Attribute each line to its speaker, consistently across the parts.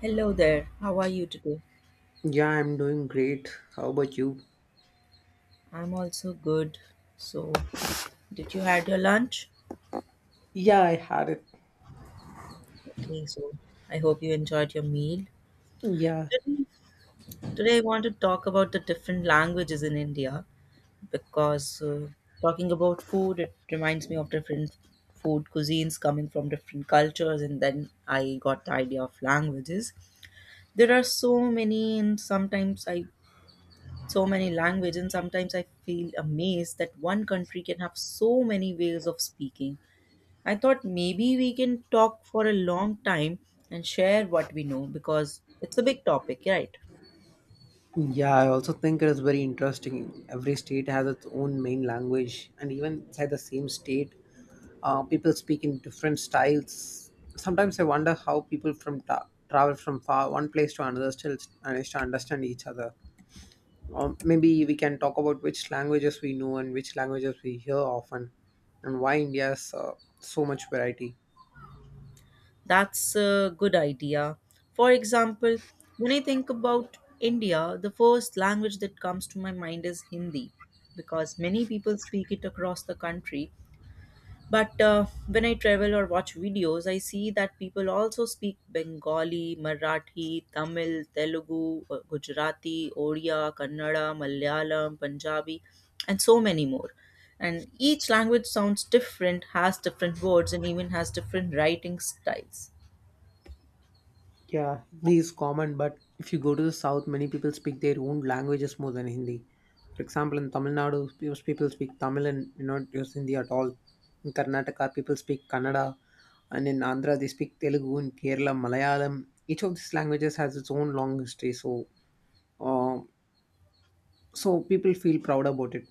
Speaker 1: Hello there. How are you today?
Speaker 2: Yeah, I'm doing great. How about you?
Speaker 1: I'm also good. So, did you had your lunch?
Speaker 2: Yeah, I had it.
Speaker 1: Okay, so I hope you enjoyed your meal.
Speaker 2: Yeah.
Speaker 1: Today, today, I want to talk about the different languages in India because talking about food, it reminds me of different food cuisines coming from different cultures, and then I got the idea of languages. There are so many, and sometimes I so many language and sometimes I feel amazed that one country can have so many ways of speaking. I thought maybe we can talk for a long time and share what we know because it's a big topic, right?
Speaker 2: Yeah, I also think it is very interesting. Every state has its own main language, and even inside the same state, people speak in different styles. Sometimes I wonder how people from travel from far one place to another still manage to understand each other. Or maybe we can talk about which languages we know and which languages we hear often, and why India has so much variety.
Speaker 1: That's a good idea. For example, when I think about India, the first language that comes to my mind is Hindi because many people speak it across the country. But when I travel or watch videos, I see that people also speak Bengali, Marathi, Tamil, Telugu, Gujarati, Odia, Kannada, Malayalam, Punjabi, and so many more. And each language sounds different, has different words, and even has different writing styles.
Speaker 2: Yeah, Hindi is common, but if you go to the south, many people speak their own languages more than Hindi. For example, in Tamil Nadu, most people speak Tamil and do not use Hindi at all. In Karnataka, people speak Kannada, and in Andhra, they speak Telugu, in Kerala, Malayalam. Each of these languages has its own long history, uh, so people feel proud about it.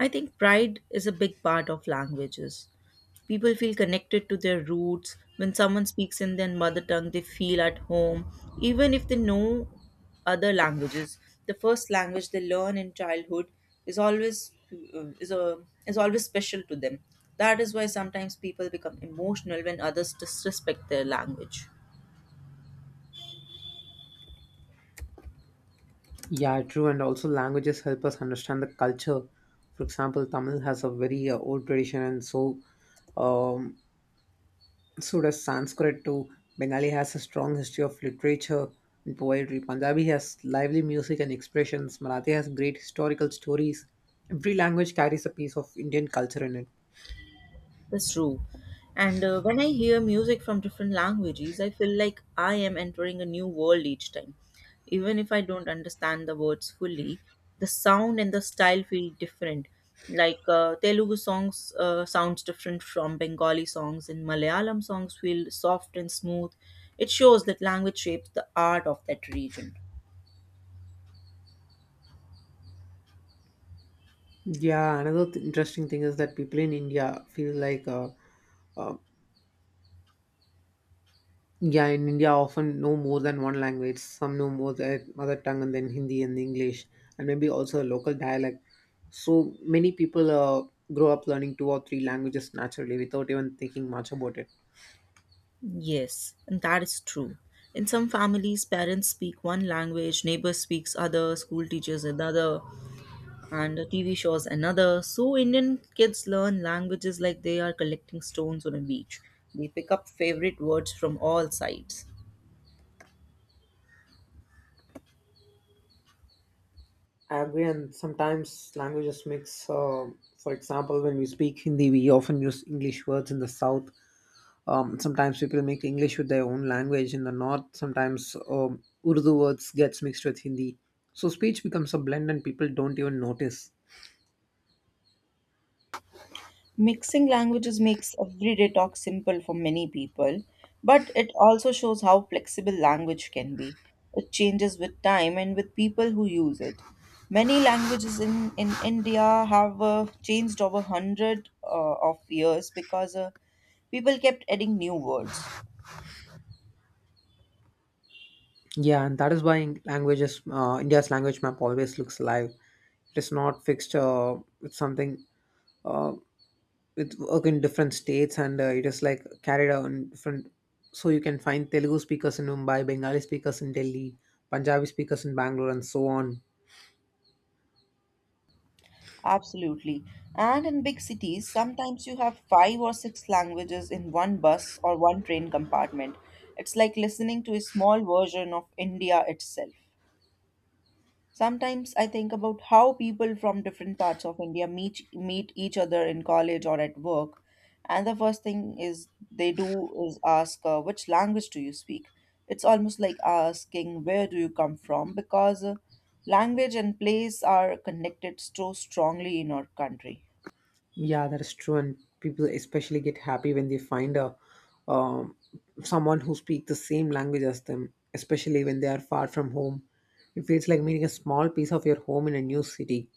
Speaker 1: I think pride is a big part of languages. People feel connected to their roots. When someone speaks in their mother tongue, they feel at home, even if they know other languages. The first language they learn in childhood is always uh, is a is always special to them. That is why sometimes people become emotional when others disrespect their language.
Speaker 2: Yeah, true, and also languages help us understand the culture. For example, Tamil has a very old tradition, and so um, So does Sanskrit too. Bengali has a strong history of literature and poetry. Punjabi has lively music and expressions. Marathi has great historical stories. Every language carries a piece of Indian culture in it.
Speaker 1: That's true. And when I hear music from different languages, I feel like I am entering a new world each time. Even if I don't understand the words fully, the sound and the style feel different. Like Telugu songs sounds different from Bengali songs, and Malayalam songs feel soft and smooth. It shows that language shapes the art of that region.
Speaker 2: Yeah, another interesting thing is that people in India uh, yeah, in India often know more than one language. Some know more their mother tongue and then Hindi and English, and maybe also a local dialect. So many people grow up learning two or three languages naturally without even thinking much about it.
Speaker 1: Yes, and that is true. In some families, parents speak one language, neighbors speaks other, school teachers another, and TV shows another. So Indian kids learn languages like they are collecting stones on a beach. They pick up favorite words from all sides.
Speaker 2: I agree, and sometimes languages mix. For example, when we speak Hindi, we often use English words in the south. Sometimes people make English with their own language in the north. Sometimes, Urdu words gets mixed with Hindi, so speech becomes a blend, and people don't even notice.
Speaker 1: Mixing languages makes everyday talk simple for many people, but it also shows how flexible language can be. It changes with time and with people who use it. Many languages in India have changed over 100 of years because people kept adding new words.
Speaker 2: Yeah, and that is why languages, India's language map always looks alive. It is not fixed. It's something. Uh, with work in different states and it is like carried out in different so you can find Telugu speakers in Mumbai, Bengali speakers in Delhi, Punjabi speakers in Bangalore and so on.
Speaker 1: Absolutely. And in big cities, sometimes you have five or six languages in one bus or one train compartment. It's like listening to a small version of India itself. Sometimes I think about how people from different parts of India meet each other in college or at work, and the first thing is they do is ask, "Which language do you speak?" It's almost like asking, "Where do you come from?" because language and place are connected so strongly in our country.
Speaker 2: Yeah, that is true and people especially get happy when they find a um, someone who speaks the same language as them, especially when they are far from home. It feels like meeting a small piece of your home in a new city.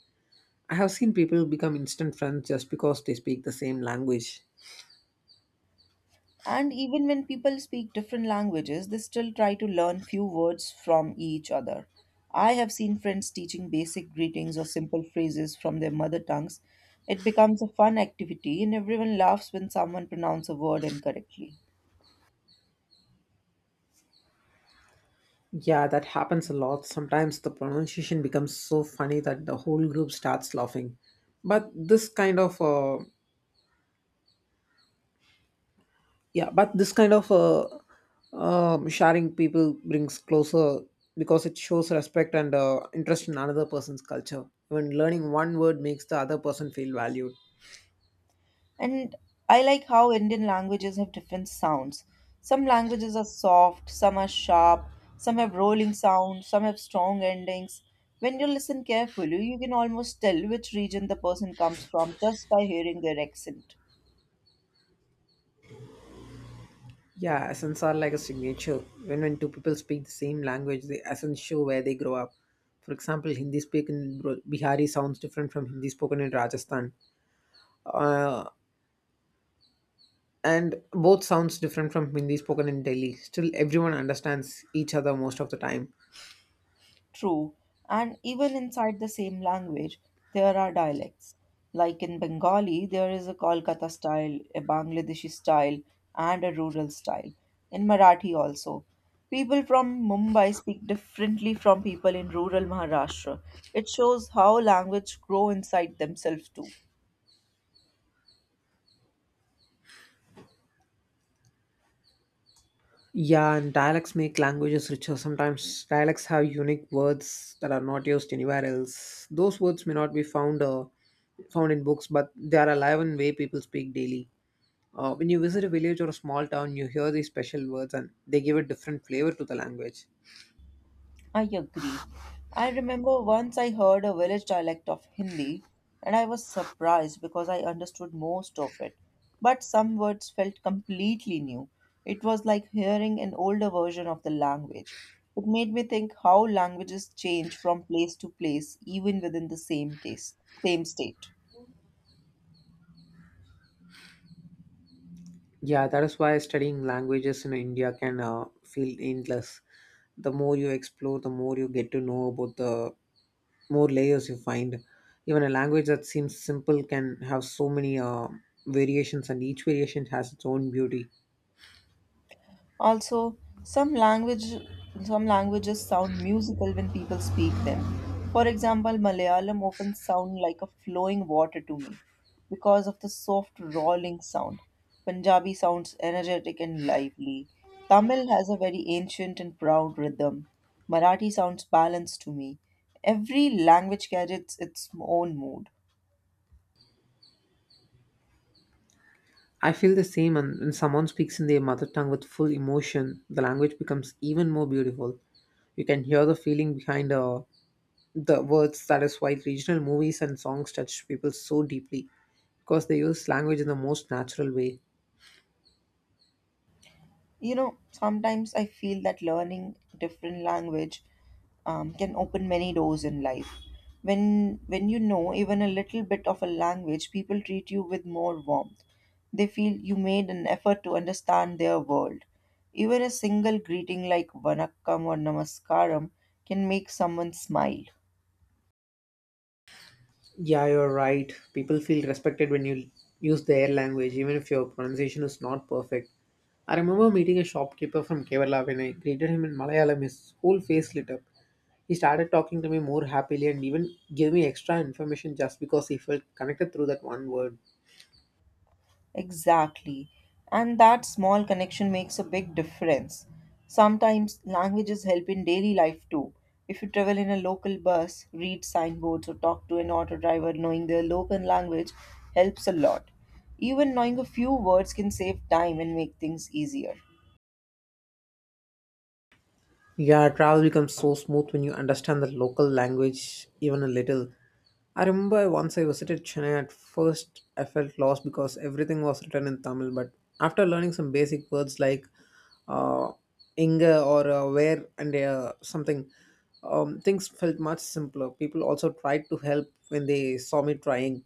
Speaker 2: I have seen people become instant friends just because they speak the same language.
Speaker 1: And even when people speak different languages, they still try to learn few words from each other. I have seen friends teaching basic greetings or simple phrases from their mother tongues. It becomes a fun activity, and everyone laughs when someone pronounces a word incorrectly.
Speaker 2: Yeah, that happens a lot. Sometimes the pronunciation becomes so funny that the whole group starts laughing. But this kind of yeah, but this kind of sharing people brings closer because it shows respect and interest in another person's culture. When learning one word makes the other person feel valued.
Speaker 1: And I like how Indian languages have different sounds. Some languages are soft, some are sharp, some have rolling sounds, some have strong endings. When you listen carefully, you can almost tell which region the person comes from just by hearing their accent.
Speaker 2: Yeah, accents are like a signature. When two people speak the same language, the accents show where they grow up. For example, Hindi spoken in Bihari sounds different from Hindi spoken in Rajasthan uh, and both sounds different from Hindi spoken in Delhi. Still, everyone understands each other most of the time.
Speaker 1: True, and even inside the same language, there are dialects. Like in Bengali, there is a Kolkata style, a Bangladeshi style, and a rural style. In Marathi, also. People from Mumbai speak differently from people in rural Maharashtra. It shows how language grow inside themselves too.
Speaker 2: Yeah, and dialects make languages richer. Sometimes dialects have unique words that are not used anywhere else. Those words may not be found in books, but they are alive in way people speak daily. When you visit a village or a small town, you hear these special words, and they give a different flavor to the language.
Speaker 1: I agree. I remember once I heard a village dialect of Hindi and I was surprised because I understood most of it. But some words felt completely new. It was like hearing an older version of the language. It made me think how languages change from place to place, even within the same taste, same state.
Speaker 2: Yeah, that is why studying languages in India can feel endless. The more you explore, the more you get to know about the more layers you find. Even a language that seems simple can have so many variations, and each variation has its own beauty.
Speaker 1: Also, some languages sound musical when people speak them. For example, Malayalam often sound like a flowing water to me because of the soft rolling sound. Punjabi sounds energetic and lively. Tamil has a very ancient and proud rhythm. Marathi sounds balanced to me. Every language carries its own mood.
Speaker 2: I feel the same, and when someone speaks in their mother tongue with full emotion, the language becomes even more beautiful. You can hear the feeling behind the words. That is why regional movies and songs touch people so deeply because they use language in the most natural way.
Speaker 1: Sometimes I feel that learning different language can open many doors in life. When you know even a little bit of a language, people treat you with more warmth. They feel you made an effort to understand their world. Even a single greeting like vanakkam or namaskaram can make someone smile.
Speaker 2: Yeah, you're right. People feel respected when you use their language even if your pronunciation is not perfect. I remember meeting a shopkeeper from Kerala. When I greeted him in Malayalam, his whole face lit up. He started talking to me more happily and even gave me extra information just because he felt connected through that one word.
Speaker 1: Exactly. And that small connection makes a big difference. Sometimes languages help in daily life too. If you travel in a local bus, read signboards, or talk to an auto driver, knowing their local language helps a lot. Even knowing a few words can save time and make things easier.
Speaker 2: Yeah, travel becomes so smooth when you understand the local language even a little. I remember once I visited Chennai. At first I felt lost because everything was written in Tamil, but after learning some basic words like uh, inga or where and something, things felt much simpler. People also tried to help when they saw me trying.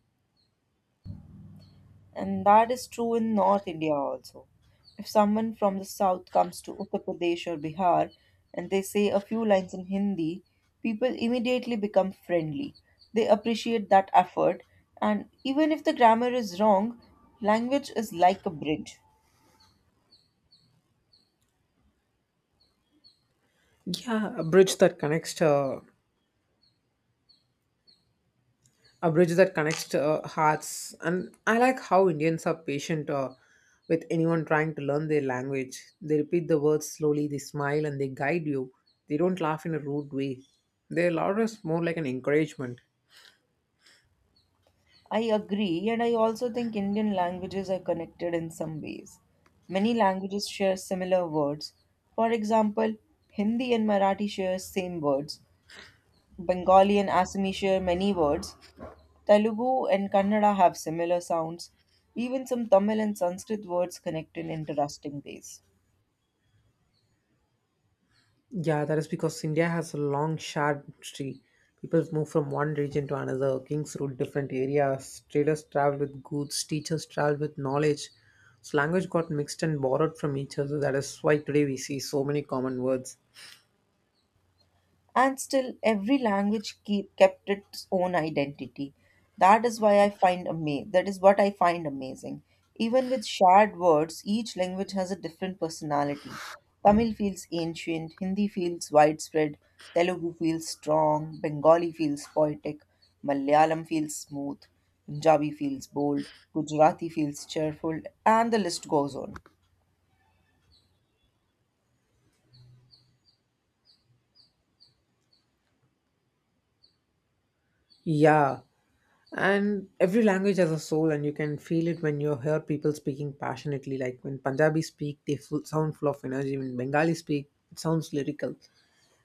Speaker 1: And that is true in North India also. If someone from the south comes to Uttar Pradesh or Bihar and they say a few lines in Hindi, people immediately become friendly. They appreciate that effort, and even if the grammar is wrong, language is like a bridge.
Speaker 2: Yeah, a bridge that connects hearts. And I like how Indians are patient with anyone trying to learn their language. They repeat the words slowly, they smile, and they guide you. They don't laugh in a rude way. Their laughter is more like an encouragement.
Speaker 1: I agree, and I also think Indian languages are connected in some ways. Many languages share similar words. For example, Hindi and Marathi share same words, Bengali and Assamese share many words. Telugu and Kannada have similar sounds. Even some Tamil and Sanskrit words connect in interesting ways.
Speaker 2: Yeah, that is because India has a long, shared history. People move from one region to another. Kings ruled different areas. Traders traveled with goods. Teachers traveled with knowledge. So language got mixed and borrowed from each other. That is why today we see so many common words.
Speaker 1: And still every language kept its own identity. That is what I find amazing. Even with shared words, each language has a different personality. Tamil feels ancient, Hindi feels widespread, Telugu feels strong, Bengali feels poetic, Malayalam feels smooth, Punjabi feels bold, Gujarati feels cheerful, and the list goes on.
Speaker 2: Yeah, and every language has a soul, and you can feel it when you hear people speaking passionately. Like when Punjabi speak, they full, sound full of energy. When Bengali speak, it sounds lyrical.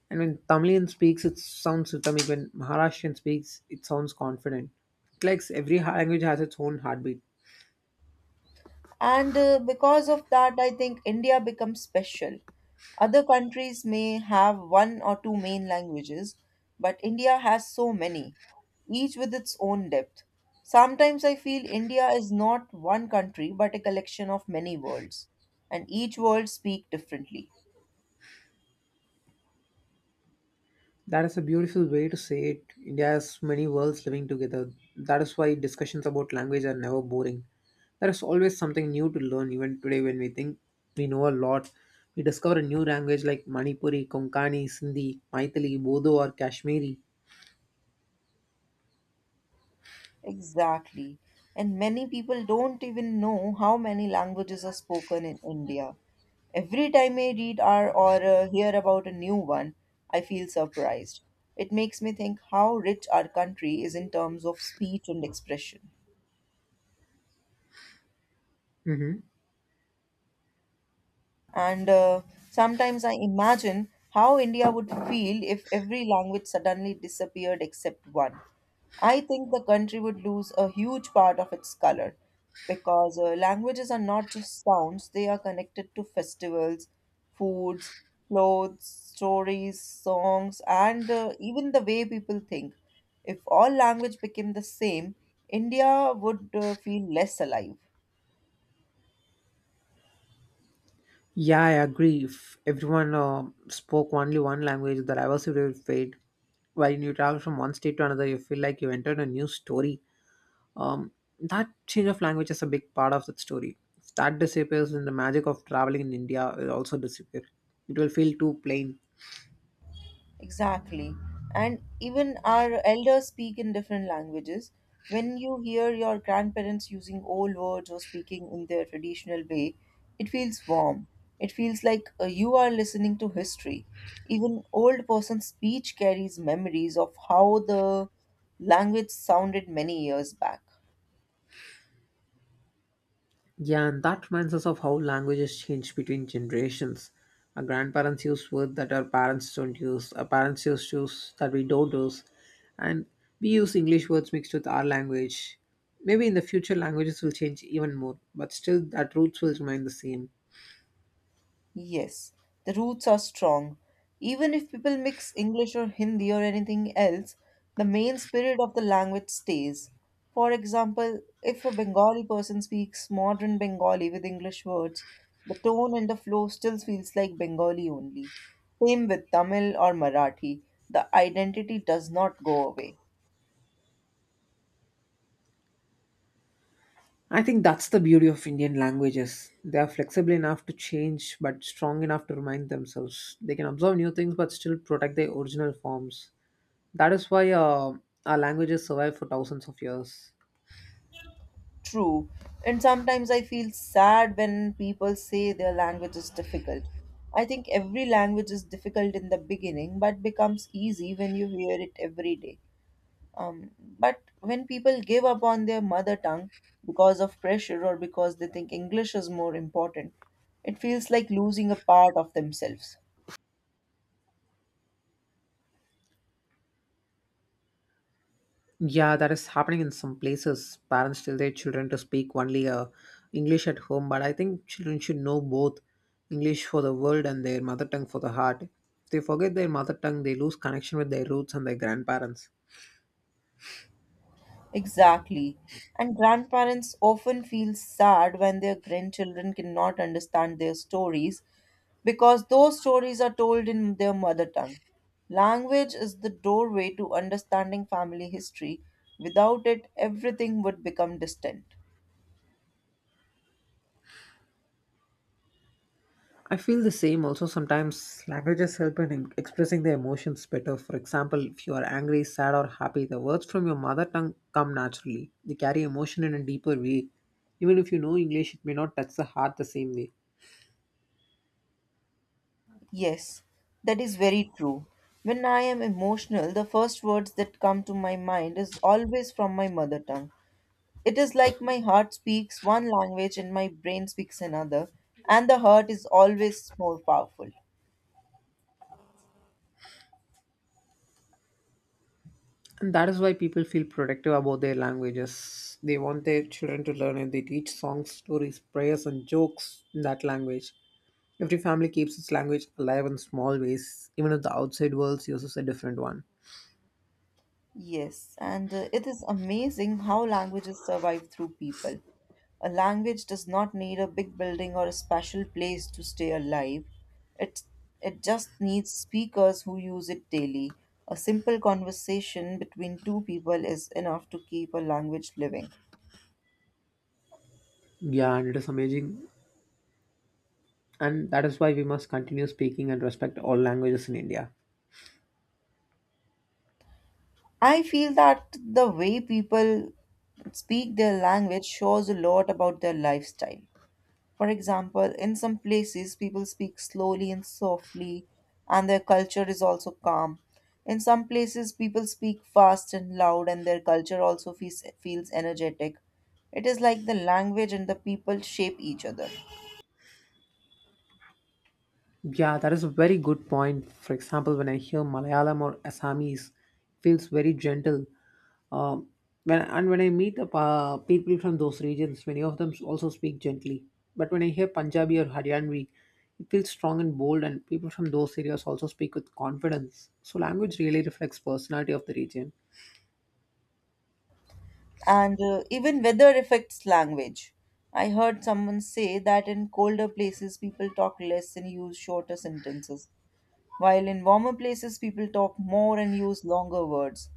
Speaker 2: And when Tamilian speaks, it sounds rhythmic. When Maharashtrian speaks, it sounds confident. Like language has its own heartbeat.
Speaker 1: And because of that, I think India becomes special. Other countries may have one or two main languages, but India has so many, each with its own depth. Sometimes I feel India is not one country but a collection of many worlds, and each world speak differently.
Speaker 2: That is a beautiful way to say it. India has many worlds living together. That is why discussions about language are never boring. There is always something new to learn, even today when we think we know a lot. We discover a new language like Manipuri, Konkani, Sindhi, Maithili, Bodo, or Kashmiri.
Speaker 1: Exactly. And many people don't even know how many languages are spoken in India. Every time I read or hear about a new one, I feel surprised. It makes me think how rich our country is in terms of speech and expression.
Speaker 2: Hmm.
Speaker 1: And sometimes I imagine how India would feel if every language suddenly disappeared except one. I think the country would lose a huge part of its color because languages are not just sounds, they are connected to festivals, foods, clothes, stories, songs, and even the way people think. If all language became the same, India would feel less alive.
Speaker 2: Yeah, I agree. If everyone spoke only one language, the diversity would fade. While you travel from one state to another, you feel like you entered a new story. Um, that change of language is a big part of that story. If that disappears, and the magic of traveling in India will also disappear. It will feel too plain.
Speaker 1: Exactly. And even our elders speak in different languages. When you hear your grandparents using old words or speaking in their traditional way, it feels warm. It feels like you are listening to history. Even old person's speech carries memories of how the language sounded many years back.
Speaker 2: Yeah, and that reminds us of how languages change between generations. Our grandparents use words that our parents don't use. Our parents use words that we don't use, and we use English words mixed with our language. Maybe in the future, languages will change even more, but still, that roots will remain the same.
Speaker 1: Yes, the roots are strong. Even if people mix English or Hindi or anything else, the main spirit of the language stays. For example, if a Bengali person speaks modern Bengali with English words, the tone and the flow still feels like Bengali only. Same with Tamil or Marathi, the identity does not go away.
Speaker 2: I think that's the beauty of Indian languages. They are flexible enough to change, but strong enough to remind themselves. They can observe new things, but still protect their original forms. That is why our languages survive for thousands of years.
Speaker 1: True. And sometimes I feel sad when people say their language is difficult. I think every language is difficult in the beginning, but becomes easy when you hear it every day. But when people give up on their mother tongue because of pressure or because they think English is more important, it feels like losing a part of themselves.
Speaker 2: Yeah, that is happening in some places. Parents tell their children to speak only English at home, but I think children should know both English for the world and their mother tongue for the heart. If they forget their mother tongue, they lose connection with their roots and their grandparents.
Speaker 1: Exactly. And grandparents often feel sad when their grandchildren cannot understand their stories because those stories are told in their mother tongue. Language is the doorway to understanding family history. Without it, everything would become distant.
Speaker 2: I feel the same. Also, sometimes languages help in expressing their emotions better. For example, if you are angry, sad, or happy, the words from your mother tongue come naturally. They carry emotion in a deeper way. Even if you know English, it may not touch the heart the same way.
Speaker 1: Yes, that is very true. When I am emotional, the first words that come to my mind is always from my mother tongue. It is like my heart speaks one language and my brain speaks another, and the heart is always more powerful.
Speaker 2: And that is why people feel protective about their languages. They want their children to learn and they teach songs, stories, prayers, and jokes in that language. Every family keeps its language alive in small ways, even if the outside world uses a different one.
Speaker 1: Yes, and it is amazing how languages survive through people. A language does not need a big building or a special place to stay alive. It, it just needs speakers who use it daily. A simple conversation between two people is enough to keep a language living.
Speaker 2: Yeah, and it is amazing and that is why we must continue speaking and respect all languages in India.
Speaker 1: I feel that the way people speak their language shows a lot about their lifestyle. For example, in some places, people speak slowly and softly, and their culture is also calm. In some places, people speak fast and loud, and their culture also feels energetic. It is like the language and the people shape each other.
Speaker 2: Yeah, that is a very good point. For example, when I hear Malayalam or Assamese, it feels very gentle. Um, when I meet up, people from those regions, many of them also speak gently. But when I hear Punjabi or Haryanvi, it feels strong and bold, and people from those areas also speak with confidence. So language really reflects personality of the region.
Speaker 1: And even weather affects language. I heard someone say that in colder places, people talk less and use shorter sentences while in warmer places people talk more and use longer words.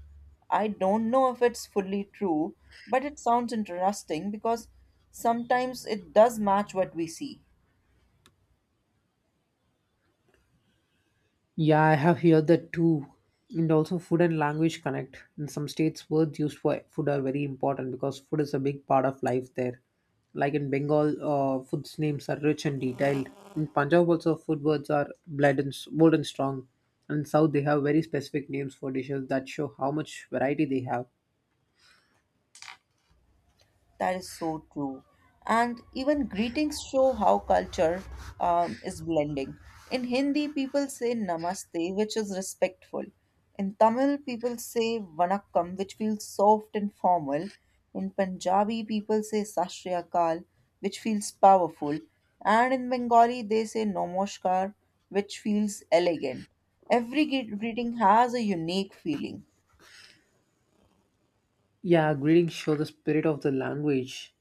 Speaker 1: I don't know if it's fully true, but it sounds interesting because sometimes it does match what we see.
Speaker 2: Yeah, I have heard that too. And also, food and language connect. In some states, words used for food are very important because food is a big part of life there. Like in Bengal, food's names are rich and detailed. In Punjab, also, food words are blood and bold and strong. And in South, they have very specific names for dishes that show how much variety they have.
Speaker 1: That is so true. And even greetings show how culture is blending. In Hindi, people say namaste, which is respectful. In Tamil, people say vanakkam, which feels soft and formal. In Punjabi, people say sashriyakal, which feels powerful. And in Bengali, they say nomoshkar, which feels elegant. Every greeting has a unique feeling.
Speaker 2: Yeah, greetings show the spirit of the language.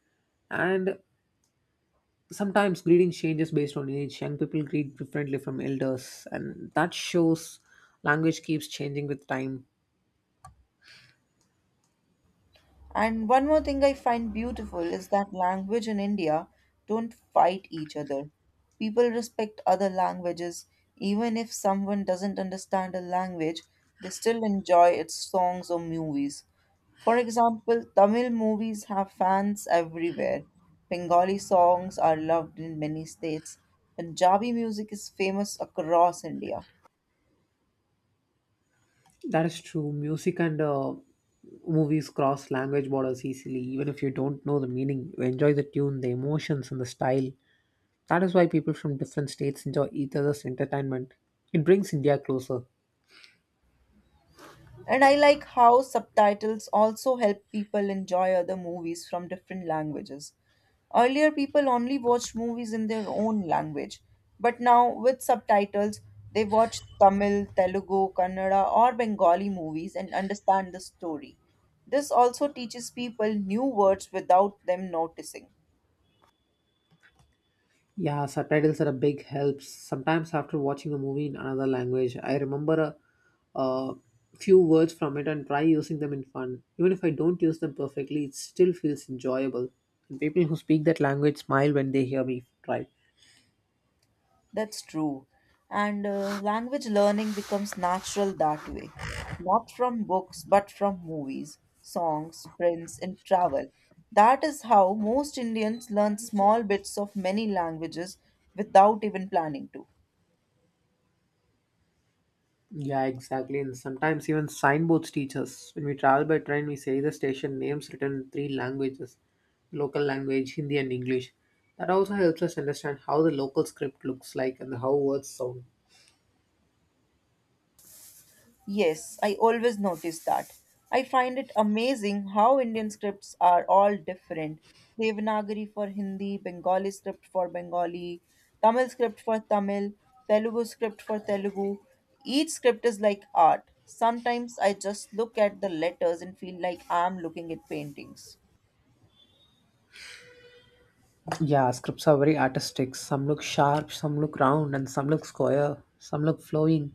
Speaker 2: And sometimes greeting changes based on age. Young people greet differently from elders, and that shows language keeps changing with time.
Speaker 1: And one more thing I find beautiful is that language in India don't fight each other. People respect other languages. Even if someone doesn't understand a language, they still enjoy its songs or movies. For example, Tamil movies have fans everywhere. Bengali songs are loved in many states. Punjabi music is famous across India.
Speaker 2: That is true. Music and movies cross language borders easily, even if you don't know the meaning. You enjoy the tune, the emotions, and the style. That is why people from different states enjoy each other's entertainment. It brings India closer.
Speaker 1: And I like how subtitles also help people enjoy other movies from different languages. Earlier, people only watched movies in their own language, but now with subtitles, they watch Tamil, Telugu, Kannada, or Bengali movies and understand the story. This also teaches people new words without them noticing.
Speaker 2: Yeah, subtitles are a big help. Sometimes after watching a movie in another language, I remember a few words from it and try using them in fun. Even if I don't use them perfectly, it still feels enjoyable. And people who speak that language smile when they hear me try.
Speaker 1: That's true. And language learning becomes natural that way. Not from books, but from movies, songs, friends, and travel. That is how most Indians learn small bits of many languages without even planning to.
Speaker 2: Yeah, exactly. And sometimes even signboards teach us. When we travel by train, we say the station names written in three languages: local language, Hindi, and English. That also helps us understand how the local script looks like and how words sound.
Speaker 1: Yes, I always notice that. I find it amazing how Indian scripts are all different. Devanagari for Hindi, Bengali script for Bengali, Tamil script for Tamil, Telugu script for Telugu. Each script is like art. Sometimes I just look at the letters and feel like I'm looking at paintings.
Speaker 2: Yeah, scripts are very artistic. Some look sharp, some look round, and some look square, some look flowing.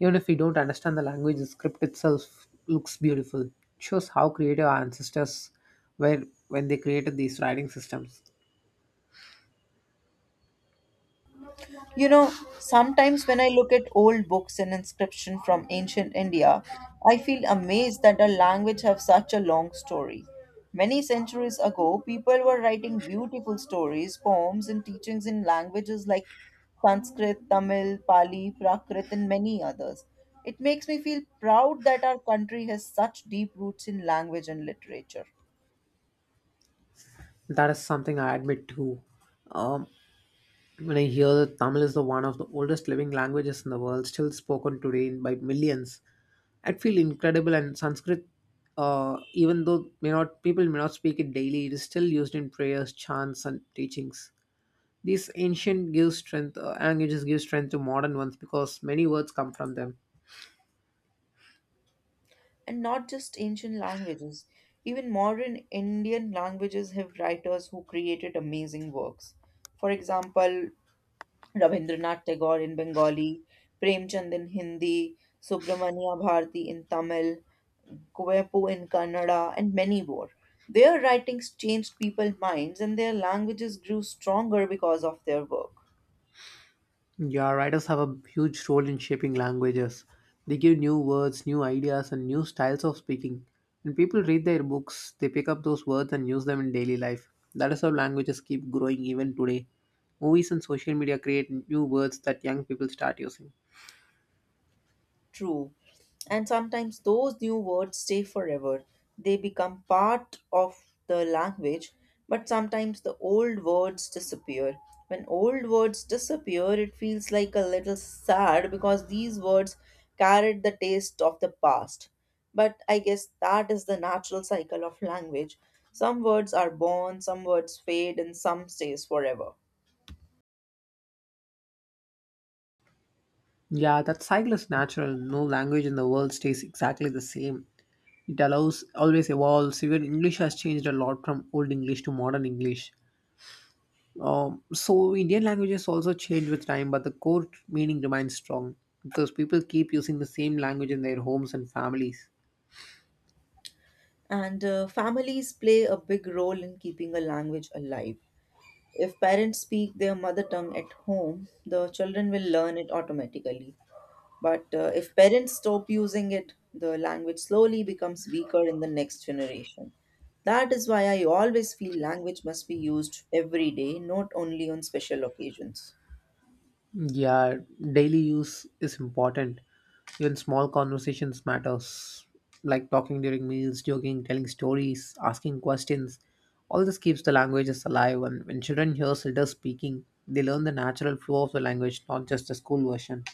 Speaker 2: Even if we don't understand the language, the script itself looks beautiful. It shows how creative our ancestors were when they created these writing systems.
Speaker 1: You know, sometimes when I look at old books and inscription from ancient India, I feel amazed that our language have such a long story. Many centuries ago, people were writing beautiful stories, poems, and teachings in languages like Sanskrit, Tamil, Pali, Prakrit, and many others. It makes me feel proud that our country has such deep roots in language and literature.
Speaker 2: That is something I admit to. Um, When I hear that Tamil is the one of the oldest living languages in the world, still spoken today by millions, I feel incredible. And Sanskrit, even though may not people may not speak it daily, it is still used in prayers, chants, and teachings. These ancient give strength languages give strength to modern ones because many words come from them.
Speaker 1: And not just ancient languages, even modern Indian languages have writers who created amazing works. For example, Rabindranath Tagore in Bengali, Premchand in Hindi, Subramania Bharati in Tamil, Kuvepu in Kannada, and many more. Their writings changed people's minds and their languages grew stronger because of their work.
Speaker 2: Yeah, writers have a huge role in shaping languages. They give new words, new ideas, and new styles of speaking. When people read their books, they pick up those words and use them in daily life. That is how languages keep growing even today. Movies and social media create new words that young people start using.
Speaker 1: True. And sometimes those new words stay forever. They become part of the language, but sometimes the old words disappear. When old words disappear, it feels like a little sad because these words carried the taste of the past. But I guess that is the natural cycle of language. Some words are born, some words fade, and some stays forever.
Speaker 2: Yeah, that cycle is natural. No language in the world stays exactly the same. It allows always evolves. Even English has changed a lot from old English to modern English. So Indian languages also change with time, but the core meaning remains strong because people keep using the same language in their homes and families.
Speaker 1: And families play a big role in keeping a language alive. If parents speak their mother tongue at home, the children will learn it automatically. But if parents stop using it, the language slowly becomes weaker in the next generation. That is why I always feel language must be used every day, not only on special occasions.
Speaker 2: Yeah, daily use is important. Even small conversations matters, like talking during meals, joking, telling stories, asking questions. All this keeps the languages alive, and when children hear elders speaking, they learn the natural flow of the language, not just the school version.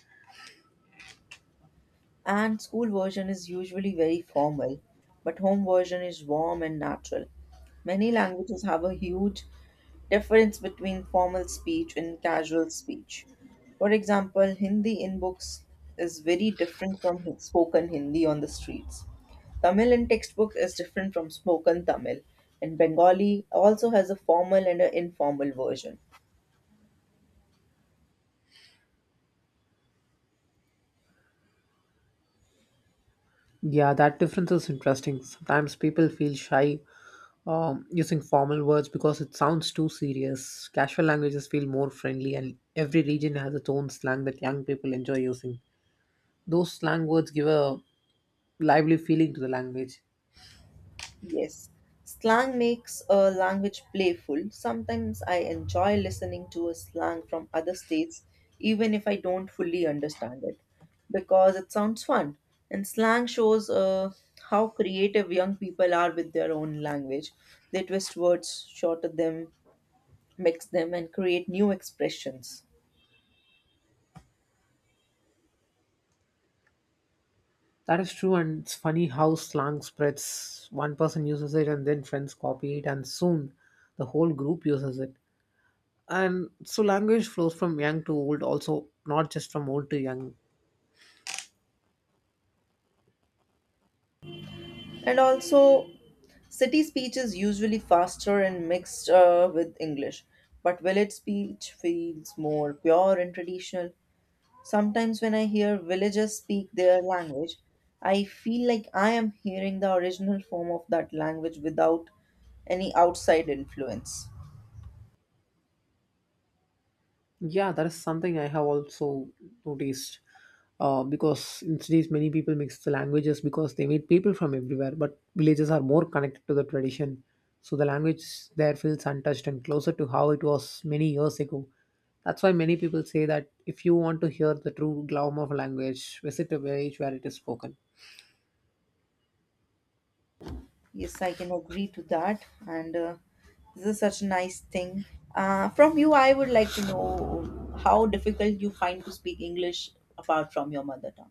Speaker 1: And school version is usually very formal, but home version is warm and natural. Many languages have a huge difference between formal speech and casual speech. For example, Hindi in books is very different from spoken Hindi on the streets. Tamil in textbook is different from spoken Tamil, and Bengali also has a formal and an informal version.
Speaker 2: Yeah, that difference is interesting. Sometimes people feel shy using formal words because it sounds too serious. Casual languages feel more friendly, and every region has its own slang that young people enjoy using. Those slang words give a lively feeling to the language.
Speaker 1: Yes. Slang makes a language playful. Sometimes I enjoy listening to a slang from other states, even if I don't fully understand it, because it sounds fun. And slang shows how creative young people are with their own language. They twist words, shorten them, mix them, and create new expressions.
Speaker 2: That is true, and it's funny how slang spreads. One person uses it, and then friends copy it, and soon the whole group uses it. And so, language flows from young to old, also, not just from old to young.
Speaker 1: And also, city speech is usually faster and mixed with English, but village speech feels more pure and traditional. Sometimes, when I hear villagers speak their language, I feel like I am hearing the original form of that language without any outside influence.
Speaker 2: Yeah, that is something I have also noticed. Because in cities, many people mix the languages because they meet people from everywhere, but villages are more connected to the tradition. So the language there feels untouched and closer to how it was many years ago. That's why many people say that if you want to hear the true glamour of a language, visit a village where it is spoken.
Speaker 1: Yes, I can agree to that, and this is such a nice thing. From you, I would like to know how difficult you find to speak English apart from your mother tongue.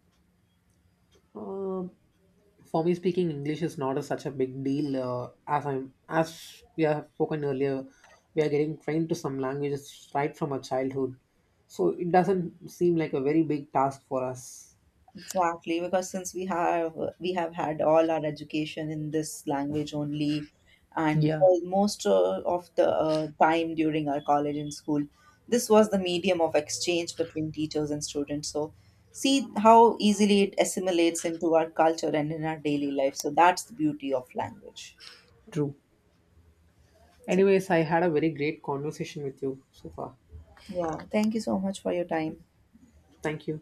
Speaker 2: Uh, For me, speaking English is not a, such a big deal. As as we have spoken earlier, we are getting trained to some languages right from our childhood, so it doesn't seem like a very big task for us.
Speaker 1: Exactly, because since we have had all our education in this language only, and
Speaker 2: Yeah,
Speaker 1: for most of the time during our college and school, this was the medium of exchange between teachers and students. So, see how easily it assimilates into our culture and in our daily life. So that's the beauty of language.
Speaker 2: true.
Speaker 1: So,
Speaker 2: Anyways, I had a very great conversation with you so far.
Speaker 1: yeah, thank you so much for your time.
Speaker 2: Thank you.